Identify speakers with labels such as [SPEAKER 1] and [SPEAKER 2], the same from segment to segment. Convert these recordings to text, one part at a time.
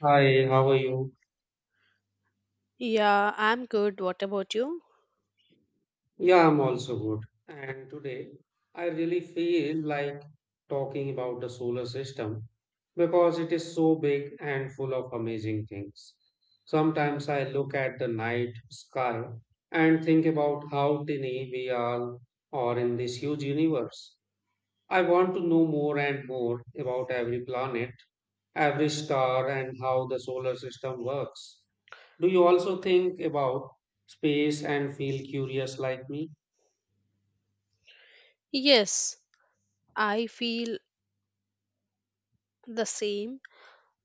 [SPEAKER 1] Hi, how are you?
[SPEAKER 2] Yeah, I'm good. What about you?
[SPEAKER 1] Yeah, I'm also good. And today I really feel like talking about the solar system because it is so big and full of amazing things. Sometimes I look at the night sky and think about how tiny we all are in this huge universe. I want to know more and more about every planet, every star, and how the solar system works. Do you also think about space and feel curious like me?
[SPEAKER 2] Yes, I feel the same.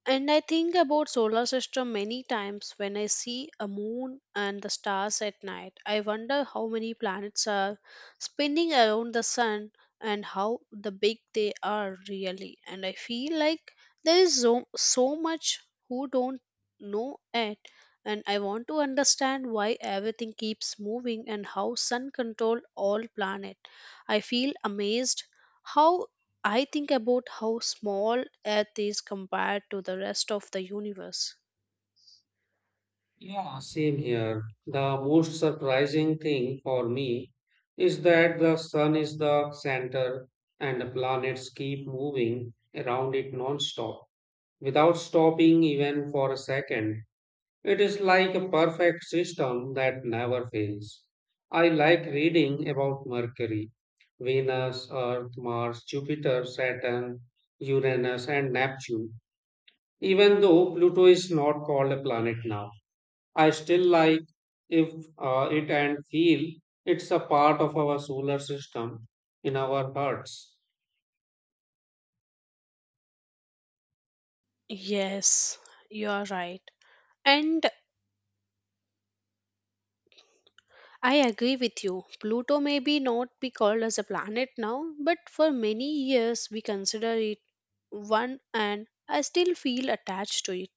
[SPEAKER 2] And I think about solar system many times when I see a moon and the stars at night. I wonder how many planets are spinning around the sun and how the big they are really. And I feel like there is so, so much who don't know it, and I want to understand why everything keeps moving and how sun control all planet. I feel amazed how I think about how small Earth is compared to the rest of the universe.
[SPEAKER 1] Yeah, same here. The most surprising thing for me is that the sun is the center and the planets keep moving around it non-stop without stopping even for a second. It is like a perfect system that never fails. I like reading about Mercury, Venus, Earth, Mars, Jupiter, Saturn, Uranus, and Neptune. Even though Pluto is not called a planet now, I still like if it and feel it's a part of our solar system in our hearts.
[SPEAKER 2] Yes, you are right. And I agree with you. Pluto may be not be called as a planet now, but for many years we consider it one, and I still feel attached to it.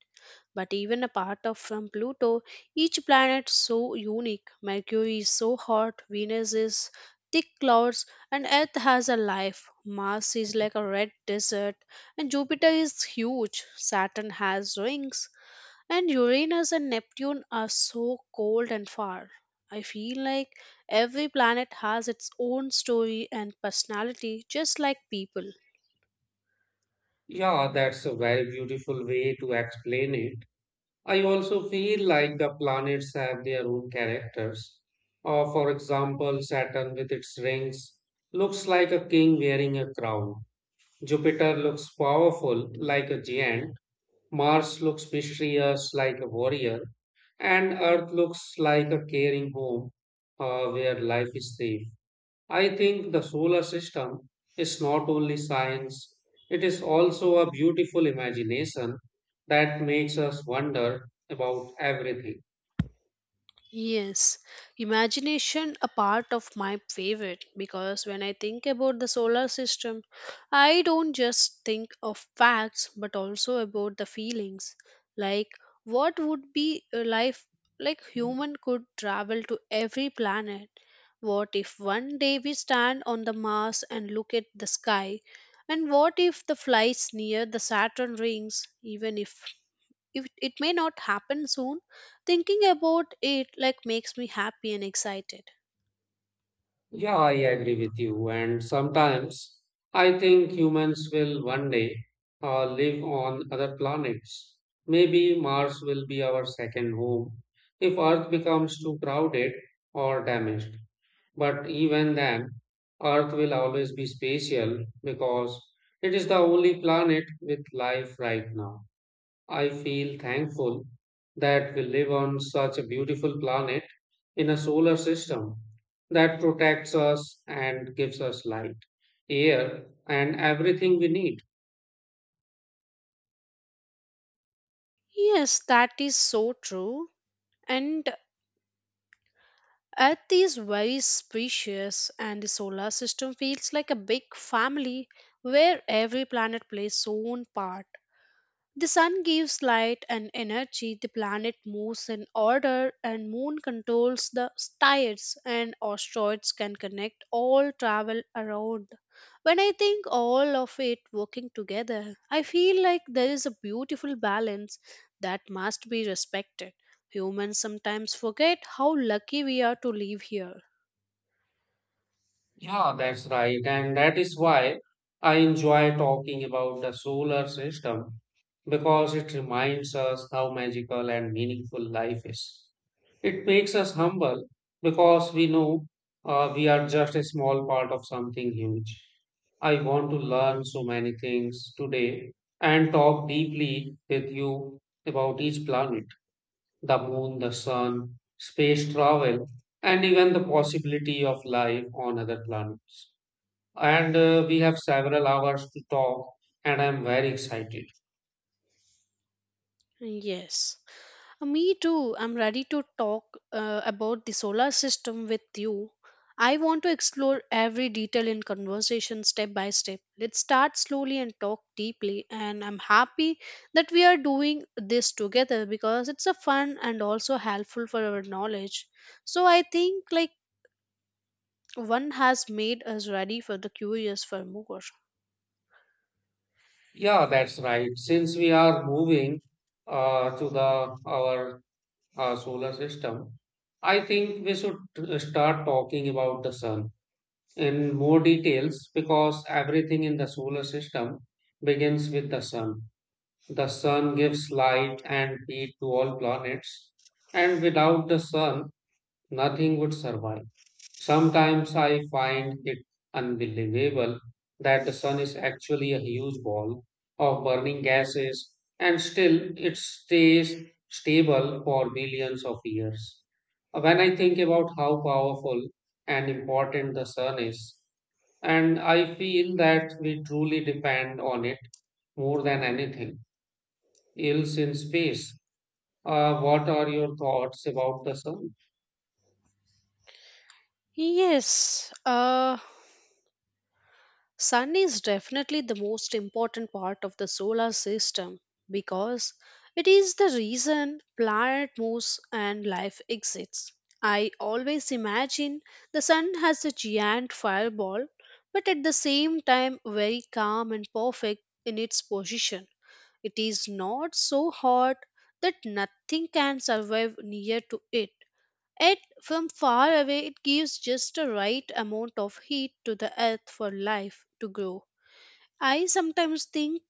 [SPEAKER 2] But even apart of from Pluto, each planet so unique. Mercury is so hot, Venus is thick clouds, and Earth has a life. Mars is like a red desert, and Jupiter is huge. Saturn has rings, and Uranus and Neptune are so cold and far. I feel like every planet has its own story and personality, just like people.
[SPEAKER 1] Yeah, that's a very beautiful way to explain it. I also feel like the planets have their own characters. For example, Saturn with its rings looks like a king wearing a crown. Jupiter looks powerful like a giant. Mars looks mysterious like a warrior, and Earth looks like a caring home where life is safe. I think the solar system is not only science, it is also a beautiful imagination that makes us wonder about everything.
[SPEAKER 2] Yes, imagination a part of my favorite, because when I think about the solar system, I don't just think of facts but also about the feelings. Like what would be a life like human could travel to every planet? What if one day we stand on the Mars and look at the sky? And what if the flights near the Saturn rings, even if it may not happen soon, thinking about it like makes me happy and excited.
[SPEAKER 1] Yeah, I agree with you. And sometimes I think humans will one day live on other planets. Maybe Mars will be our second home if Earth becomes too crowded or damaged. But even then, Earth will always be spatial because it is the only planet with life right now. I feel thankful that we live on such a beautiful planet in a solar system that protects us and gives us light, air, and everything we need.
[SPEAKER 2] Yes, that is so true. And earth is very spacious, and the solar system feels like a big family where every planet plays its own part. The sun gives light and energy, the planet moves in order, and moon controls the tides, and asteroids can connect all travel around. When I think all of it working together, I feel like there is a beautiful balance that must be respected. Humans sometimes forget how lucky we are to live here.
[SPEAKER 1] Yeah, that's right. And that is why I enjoy talking about the solar system because it reminds us how magical and meaningful life is. It makes us humble because we know we are just a small part of something huge. I want to learn so many things today and talk deeply with you about each planet, the moon, the sun, space travel, and even the possibility of life on other planets. And we have several hours to talk, and I'm very excited.
[SPEAKER 2] Yes. Me too. I'm ready to talk about the solar system with you. I want to explore every detail in conversation step by step. Let's start slowly and talk deeply. And I'm happy that we are doing this together because it's a fun and also helpful for our knowledge. So I think like one has made us ready for the curious for more.
[SPEAKER 1] Yeah, that's right. Since we are moving to the our solar system, I think we should start talking about the sun in more details because everything in the solar system begins with the sun. The sun gives light and heat to all planets, and without the sun, nothing would survive. Sometimes I find it unbelievable that the sun is actually a huge ball of burning gases and still it stays stable for billions of years. When I think about how powerful and important the sun is, and I feel that we truly depend on it more than anything else in space. What are your thoughts about the sun?
[SPEAKER 2] Yes. Sun is definitely the most important part of the solar system because it is the reason planet moves and life exists. I always imagine the sun as a giant fireball, but at the same time very calm and perfect in its position. It is not so hot that nothing can survive near to it. Yet from far away it gives just the right amount of heat to the earth for life to grow. I sometimes think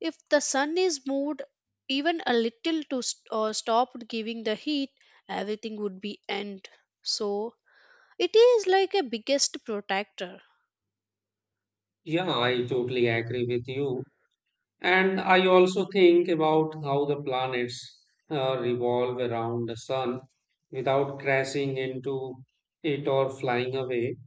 [SPEAKER 2] if the sun is moved even a little to or stopped giving the heat, everything would be end. So it is like a biggest protector.
[SPEAKER 1] Yeah, I totally agree with you. And I also think about how the planets revolve around the sun without crashing into it or flying away.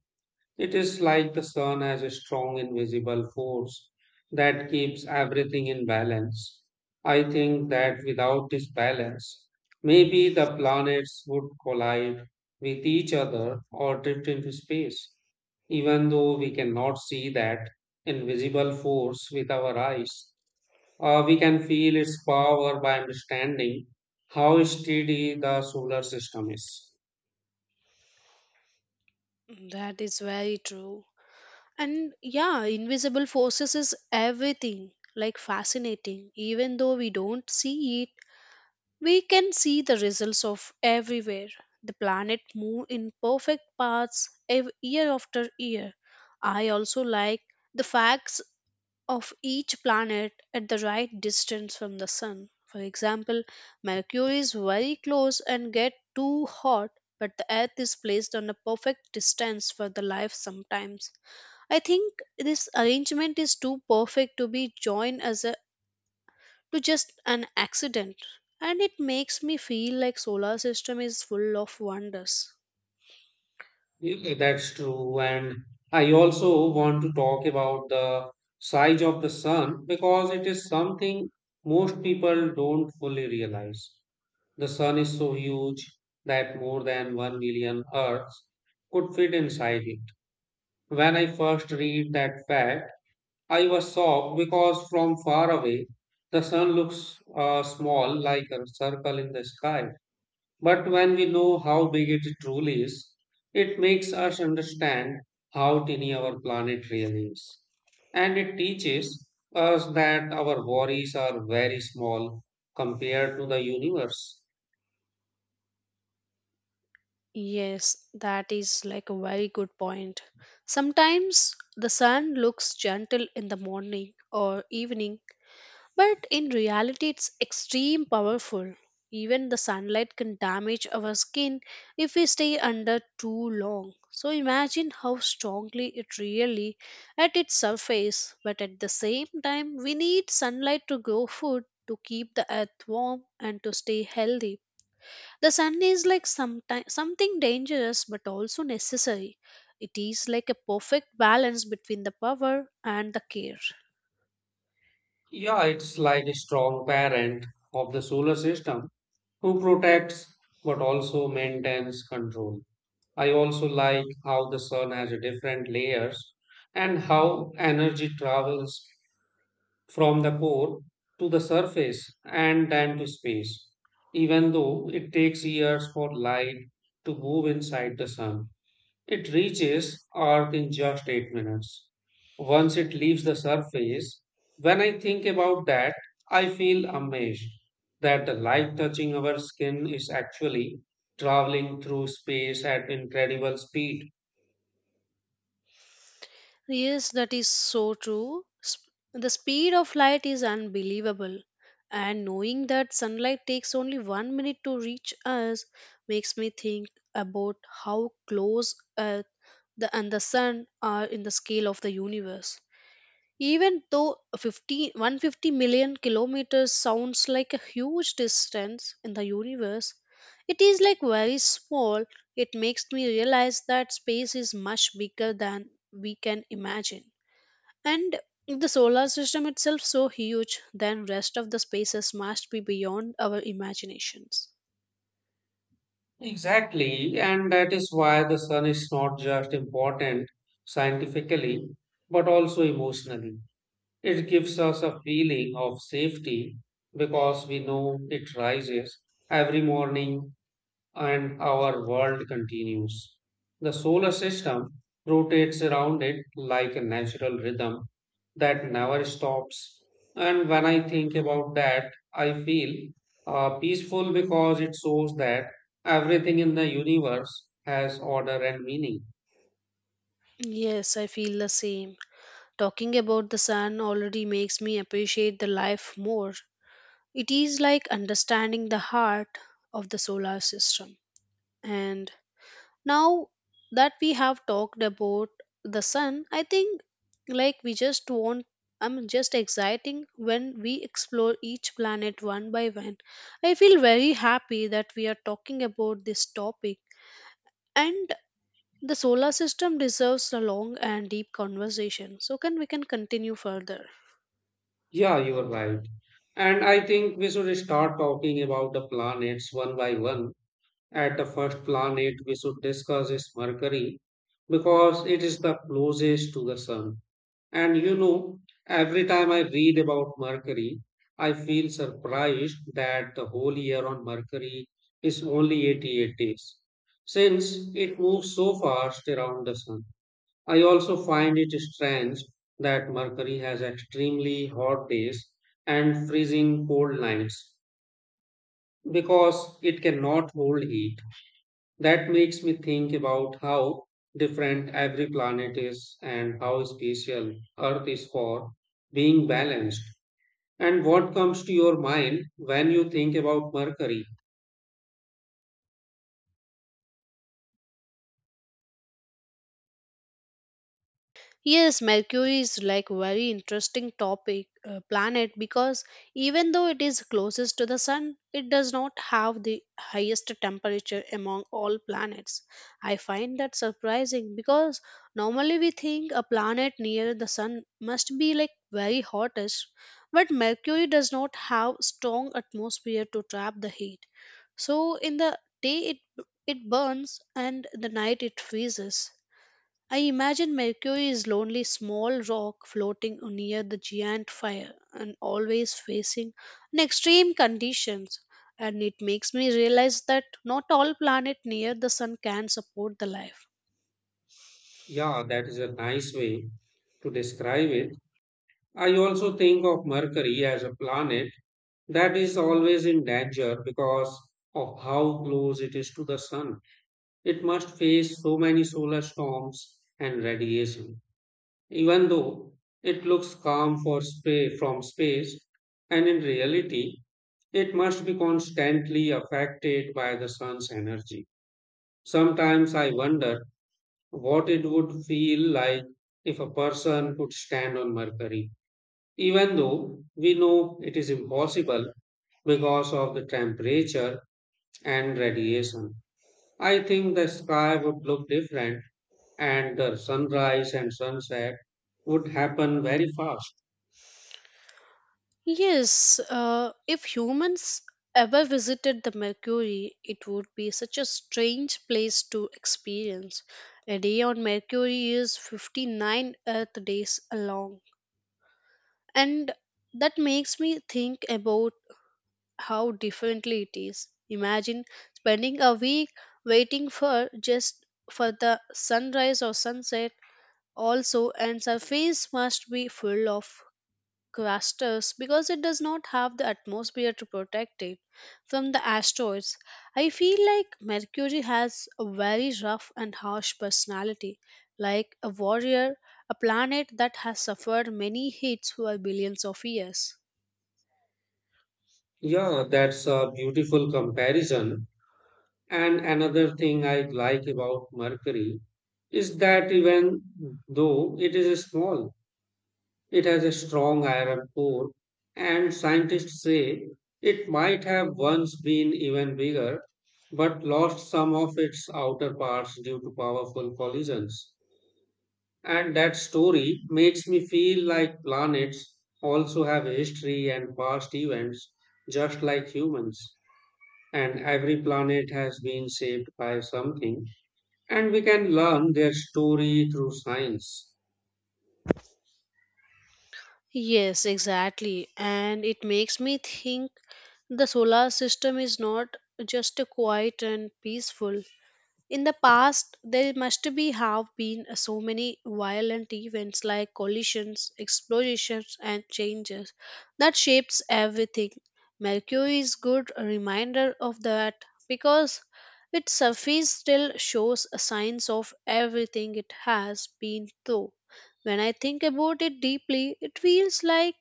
[SPEAKER 1] It is like the sun has a strong invisible force that keeps everything in balance. I think that without this balance, maybe the planets would collide with each other or drift into space, even though we cannot see that invisible force with our eyes. We can feel its power by understanding how steady the solar system is.
[SPEAKER 2] That is very true. And yeah, invisible forces is everything like fascinating. Even though we don't see it, we can see the results of everywhere. The planet move in perfect paths year after year. I also like the facts of each planet at the right distance from the sun. For example, Mercury is very close and get too hot, but the Earth is placed on a perfect distance for the life sometimes. I think this arrangement is too perfect to be joined as a to just an accident, and it makes me feel like solar system is full of wonders.
[SPEAKER 1] Yeah, that's true. And I also want to talk about the size of the sun because it is something most people don't fully realize. The sun is so huge that more than 1 million Earths could fit inside it. When I first read that fact, I was shocked because from far away, the sun looks small like a circle in the sky. But when we know how big it truly is, it makes us understand how tiny our planet really is. And it teaches us that our worries are very small compared to the universe.
[SPEAKER 2] Yes, that is like a very good point. Sometimes the sun looks gentle in the morning or evening, but in reality it's extreme powerful. Even the sunlight can damage our skin if we stay under too long. So imagine how strongly it really at its surface, but at the same time we need sunlight to grow food, to keep the earth warm, and to stay healthy. The sun is like sometime, something dangerous but also necessary. It is like a perfect balance between the power and the care.
[SPEAKER 1] Yeah, it's like a strong parent of the solar system who protects but also maintains control. I also like how the sun has a different layers and how energy travels from the core to the surface and then to space, even though it takes years for light to move inside the sun. It reaches Earth in just 8 minutes. Once it leaves the surface, when I think about that, I feel amazed that the light touching our skin is actually traveling through space at incredible speed.
[SPEAKER 2] Yes, that is so true. The speed of light is unbelievable. And knowing that sunlight takes only one minute to reach us makes me think about how close Earth and the sun are in the scale of the universe. Even though 50, 150 million kilometers sounds like a huge distance in the universe, it is like very small. It makes me realize that space is much bigger than we can imagine. And the solar system itself so huge, then rest of the spaces must be beyond our imaginations.
[SPEAKER 1] Exactly, and that is why the sun is not just important scientifically but also emotionally. It gives us a feeling of safety because we know it rises every morning and our world continues. The solar system rotates around it like a natural rhythm that never stops. And when I think about that, I feel peaceful because it shows that everything in the universe has order and meaning.
[SPEAKER 2] Yes, I feel the same. Talking about the sun already makes me appreciate the life more. It is like understanding the heart of the solar system. And now that we have talked about the sun, I think like we just want, I'm just exciting when we explore each planet one by one. I feel very happy that we are talking about this topic, and the solar system deserves a long and deep conversation. So can we can continue further.
[SPEAKER 1] Yeah, you are right. And I think we should start talking about the planets one by one. At the first planet we should discuss is Mercury because it is the closest to the Sun. And you know, every time I read about Mercury, I feel surprised that the whole year on Mercury is only 88 days, since it moves so fast around the Sun. I also find it strange that Mercury has extremely hot days and freezing cold nights because it cannot hold heat that makes me think about how different every planet is and how special Earth is for being balanced. And what comes to your mind when you think about Mercury?
[SPEAKER 2] Yes, Mercury is like very interesting topic planet because even though it is closest to the sun, it does not have the highest temperature among all planets. I find that surprising because normally we think a planet near the sun must be like very hottest, but Mercury does not have strong atmosphere to trap the heat. So in the day it burns and the night it freezes. I imagine Mercury is lonely small rock floating near the giant fire and always facing an extreme conditions, and it makes me realize that not all planet near the sun can support the life.
[SPEAKER 1] Yeah, that is a nice way to describe it. I also think of Mercury as a planet that is always in danger because of how close it is to the Sun. It must face so many solar storms and radiation. Even though it looks calm for from space, and in reality, it must be constantly affected by the sun's energy. Sometimes I wonder what it would feel like if a person could stand on Mercury, even though we know it is impossible because of the temperature and radiation. I think the sky would look different and the sunrise and sunset would happen very fast.
[SPEAKER 2] Yes, if humans ever visited the Mercury, it would be such a strange place to experience. A day on Mercury is 59 Earth days long, and that makes me think about how differently it is. Imagine spending a week waiting for just for the sunrise or sunset, also and surface must be full of clusters because it does not have the atmosphere to protect it from the asteroids. I feel like Mercury has a very rough and harsh personality, like a warrior, a planet that has suffered many hits for billions of years.
[SPEAKER 1] Yeah, that's a beautiful comparison. And another thing I like about Mercury is that even though it is small, it has a strong iron core, and scientists say it might have once been even bigger, but lost some of its outer parts due to powerful collisions. And that story makes me feel like planets also have history and past events, just like humans and every planet has been shaped by something, and we can learn their story through science.
[SPEAKER 2] Yes, exactly. And it makes me think the solar system is not just a quiet and peaceful, in the past there must be have been so many violent events like collisions, explosions, and changes that shapes everything. Mercury is good reminder of that because its surface still shows signs of everything it has been through. When I think about it deeply, it feels like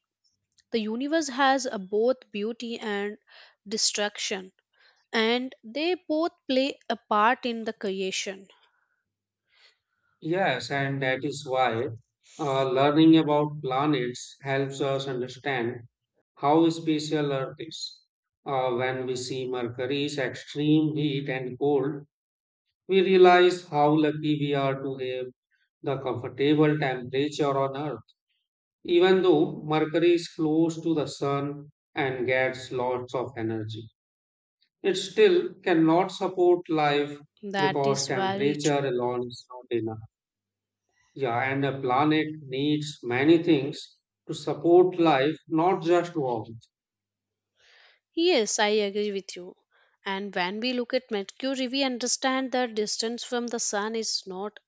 [SPEAKER 2] the universe has a both beauty and destruction, and they both play a part in the creation.
[SPEAKER 1] Yes, and that is why learning about planets helps us understand how special Earth is. When we see Mercury's extreme heat and cold, we realize how lucky we are to have the comfortable temperature on Earth. Even though Mercury is close to the Sun and gets lots of energy. It still cannot support life
[SPEAKER 2] That
[SPEAKER 1] because
[SPEAKER 2] is very
[SPEAKER 1] temperature
[SPEAKER 2] true.
[SPEAKER 1] alone is not enough. Yeah, and a planet needs many things to support life, not just warmth.
[SPEAKER 2] Yes, I agree with you. And when we look at Mercury, we understand that distance from the sun is not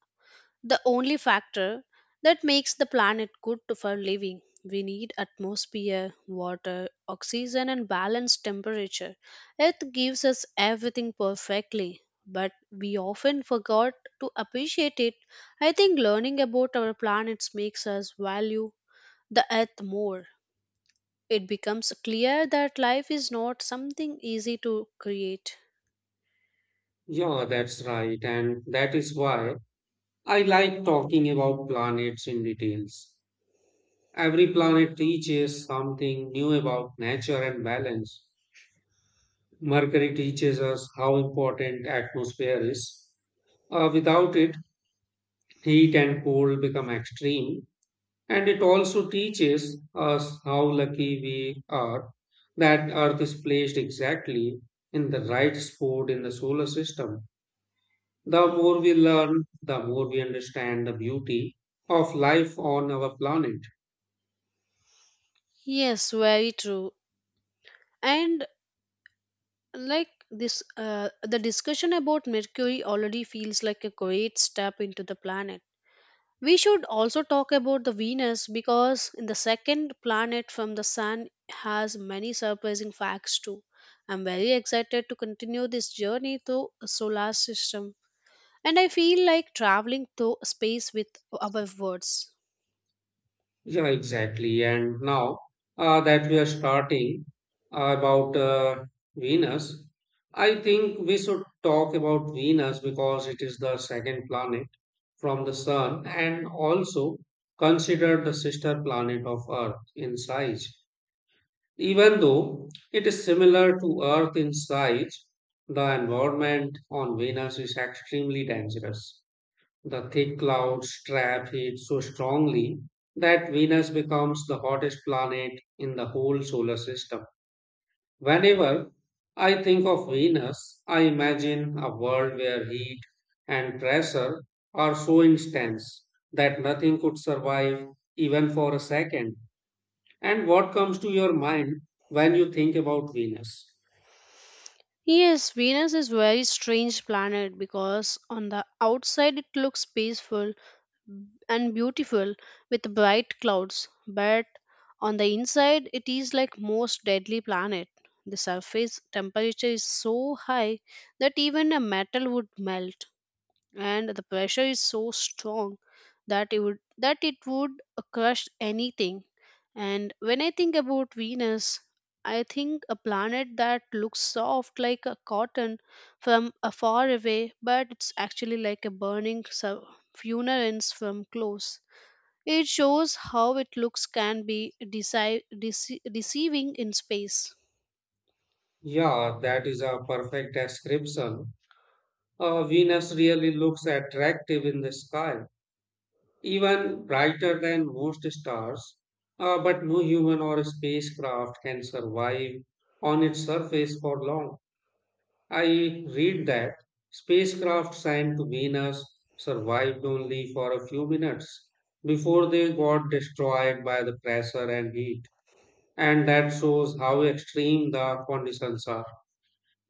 [SPEAKER 2] the only factor that makes the planet good for living. We need atmosphere, water, oxygen, and balanced temperature. Earth gives us everything perfectly, but we often forgot to appreciate it. I think learning about our planets makes us value the earth more. It becomes clear that life is not something easy to create.
[SPEAKER 1] Yeah, that's right. And that is why I like talking about planets in details. Every planet teaches something new about nature and balance. Mercury teaches us how important atmosphere is. Without it, heat and cold become extreme. And it also teaches us how lucky we are that Earth is placed exactly in the right spot in the solar system. The more we learn, the more we understand the beauty of life on our planet.
[SPEAKER 2] Yes, very true. And like this, the discussion about Mercury already feels like a great step into the planet. We should also talk about the Venus because in the second planet from the sun has many surprising facts too. I'm very excited to continue this journey through a solar system, and I feel like traveling through space with our words.
[SPEAKER 1] Yeah, exactly. And now that we are starting about Venus, I think we should talk about Venus because it is the second planet from the Sun and also considered the sister planet of Earth in size. Even though it is similar to Earth in size, the environment on Venus is extremely dangerous. The thick clouds trap heat so strongly that Venus becomes the hottest planet in the whole solar system. Whenever I think of Venus, I imagine a world where heat and pressure are so intense that nothing could survive even for a second. And what comes to your mind when you think about Venus?
[SPEAKER 2] Yes, Venus is very strange planet because on the outside it looks peaceful and beautiful with bright clouds, but on the inside it is like most deadly planet. The surface temperature is so high that even a metal would melt, and the pressure is so strong that it would crush anything. And when I think about Venus, I think a planet that looks soft like a cotton from afar away, but it's actually like a burning furnace from close. It shows how it looks can be deceiving in space.
[SPEAKER 1] Yeah, that is a perfect description. Venus really looks attractive in the sky, even brighter than most stars. But no human or spacecraft can survive on its surface for long. I read that spacecraft sent to Venus survived only for a few minutes before they got destroyed by the pressure and heat. And that shows how extreme the conditions are.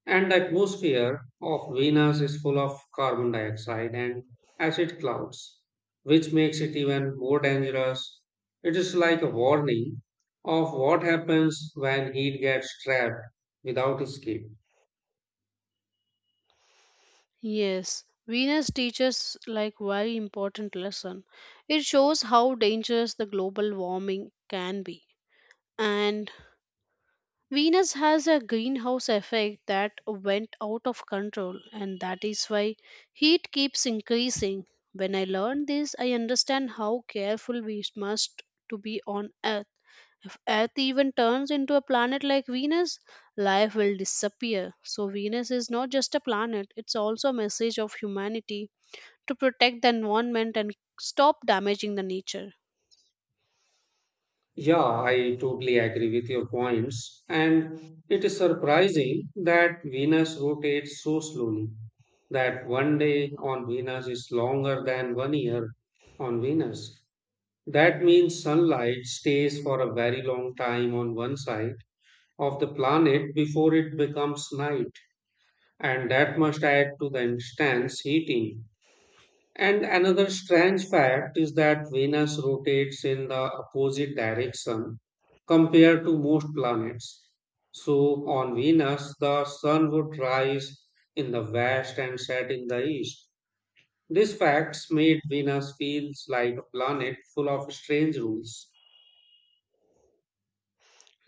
[SPEAKER 1] And the atmosphere of Venus is full of carbon dioxide and acid clouds, which makes it even more dangerous. It is like a warning of what happens when heat gets trapped without escape.
[SPEAKER 2] Yes, Venus teaches like very important lesson. It shows how dangerous the global warming can be. And Venus has a greenhouse effect that went out of control, and that is why heat keeps increasing. When I learned this, I understand how careful we must to be on Earth. If Earth even turns into a planet like Venus, life will disappear. So Venus is not just a planet, it's also a message of humanity to protect the environment and stop damaging the nature.
[SPEAKER 1] Yeah, I totally agree with your points. And it is surprising that Venus rotates so slowly that one day on Venus is longer than one year on Venus. That means sunlight stays for a very long time on one side of the planet before it becomes night. And that must add to the intense heating, and another strange fact is that Venus rotates in the opposite direction compared to most planets. So, on Venus, the sun would rise in the west and set in the east. These facts made Venus feels like a planet full of strange rules.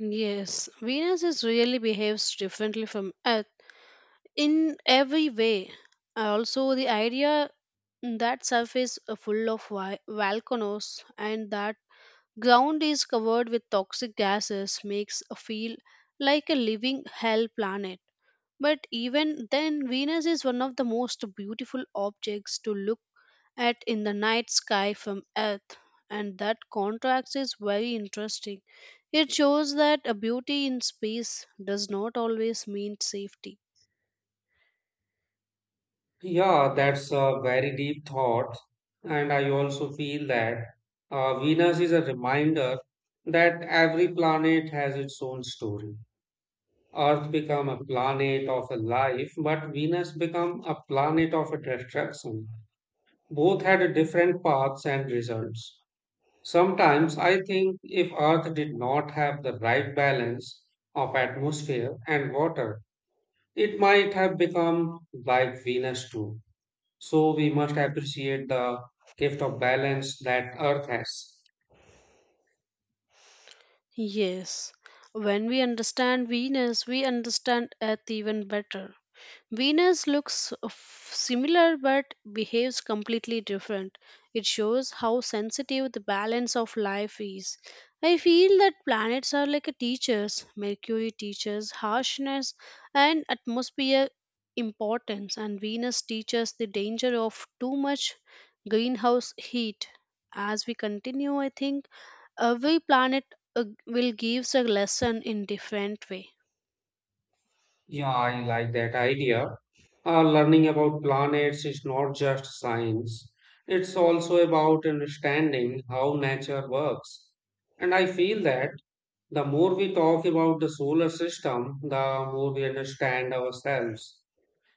[SPEAKER 2] Yes, Venus is really behaves differently from Earth in every way. Also, the idea that surface is full of volcanoes and that ground is covered with toxic gases makes a feel like a living hell planet. But even then, Venus is one of the most beautiful objects to look at in the night sky from Earth, and that contrast is very interesting. It shows that a beauty in space does not always mean safety.
[SPEAKER 1] Yeah, that's a very deep thought. And I also feel that Venus is a reminder that every planet has its own story. Earth become a planet of a life, but Venus become a planet of a destruction. Both had different paths and results. Sometimes I think if Earth did not have the right balance of atmosphere and water, it might have become like Venus too. So we must appreciate the gift of balance that Earth has.
[SPEAKER 2] Yes, when we understand Venus, we understand Earth even better. Venus looks similar but behaves completely different. It shows how sensitive the balance of life is. I feel that planets are like a teachers. Mercury teaches harshness and atmosphere importance, and Venus teaches the danger of too much greenhouse heat. As we continue, I think every planet will gives a lesson in different way.
[SPEAKER 1] Yeah, I like that idea. Learning about planets is not just science, it's also about understanding how nature works. And I feel that the more we talk about the solar system, the more we understand ourselves.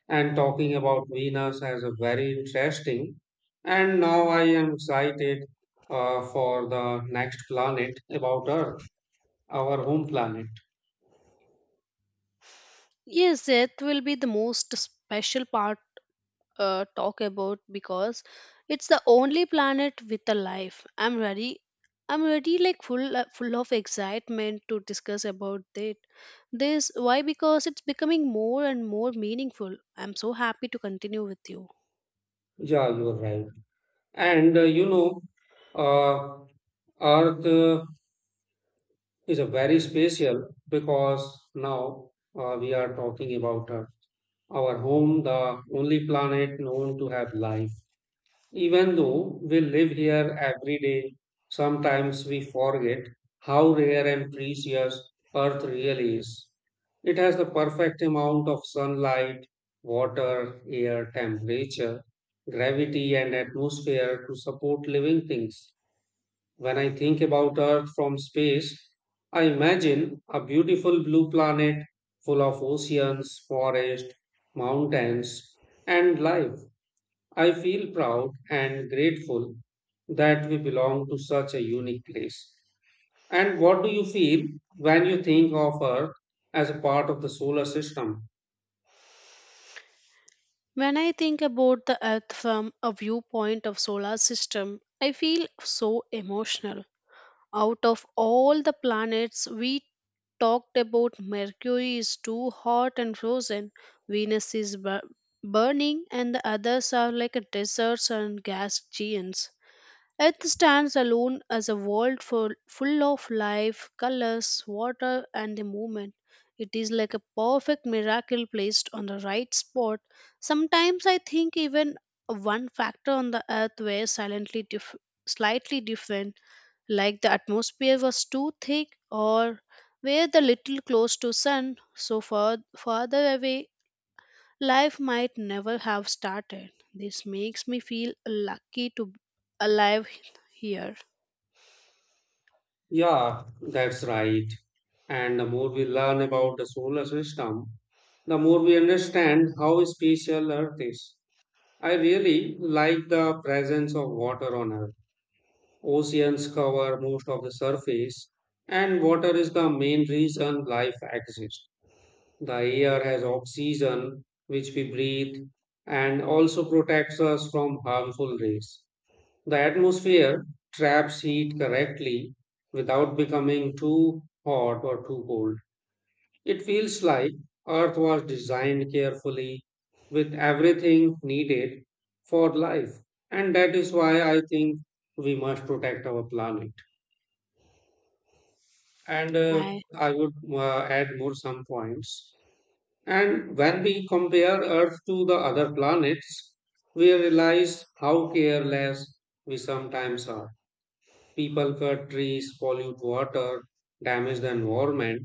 [SPEAKER 1] And talking about Venus as a very interesting. And now I am excited, for the next planet about Earth, our home planet.
[SPEAKER 2] Yes, Earth will be the most special part talk about because it's the only planet with a life. I'm ready. I'm ready, like full of excitement to discuss about it. This why because it's becoming more and more meaningful. I'm so happy to continue with you.
[SPEAKER 1] Yeah, you are right. And uh, Earth is a very special because now, we are talking about Earth, our home, the only planet known to have life. Even though we live here every day, sometimes we forget how rare and precious Earth really is. It has the perfect amount of sunlight, water, air, temperature, gravity, and atmosphere to support living things. When I think about Earth from space, I imagine a beautiful blue planet full of oceans, forests, mountains, and life. I feel proud and grateful that we belong to such a unique place. And what do you feel when you think of Earth as a part of the solar system?
[SPEAKER 2] When I think about the Earth from a viewpoint of solar system, I feel so emotional. Out of all the planets we talked about, Mercury is too hot and frozen, Venus is burning, and the others are like a deserts and gas giants. Earth stands alone as a world full, full of life, colors, water, and the movement. It is like a perfect miracle placed on the right spot. Sometimes I think even one factor on the earth were silently slightly different, like the atmosphere was too thick or were the little close to sun so far farther away, life might never have started. This makes me feel lucky to be alive here.
[SPEAKER 1] Yeah, that's right. And the more we learn about the solar system, the more we understand how special Earth is. I really like the presence of water on Earth. Oceans cover most of the surface, and water is the main reason life exists. The air has oxygen, which we breathe, and also protects us from harmful rays. The atmosphere traps heat correctly without becoming too hot or too cold. It feels like Earth was designed carefully with everything needed for life. And that is why I think we must protect our planet. And
[SPEAKER 2] I,
[SPEAKER 1] I would add more some points. And when we compare Earth to the other planets, we realize how careless we sometimes are. People cut trees, pollute water, damage the environment,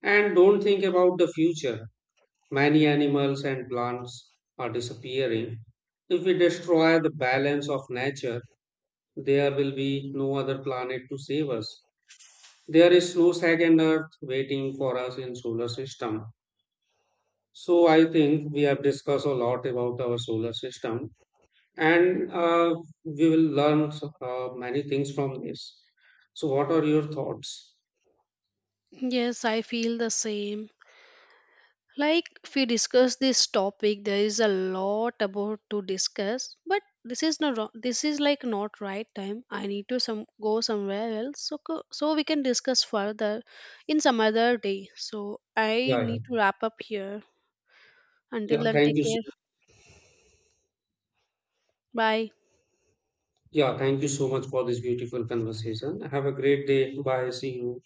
[SPEAKER 1] and don't think about the future. Many animals and plants are disappearing. If we destroy the balance of nature, there will be no other planet to save us. There is no second earth waiting for us in solar system. So I think we have discussed a lot about our solar system, and we will learn many things from this. So what are your thoughts?
[SPEAKER 2] yes, I feel the same. Like if we discuss this topic, there is a lot about to discuss, but this is not ro- this is like not right time. I need to some go somewhere else, so so we can discuss further in some other day. So I
[SPEAKER 1] Yeah, yeah.
[SPEAKER 2] need to wrap up here. Until
[SPEAKER 1] Yeah,
[SPEAKER 2] then,
[SPEAKER 1] thank
[SPEAKER 2] take
[SPEAKER 1] you
[SPEAKER 2] care.
[SPEAKER 1] so,
[SPEAKER 2] Bye.
[SPEAKER 1] yeah, thank you so much for this beautiful conversation. Have a great day. Bye. See you.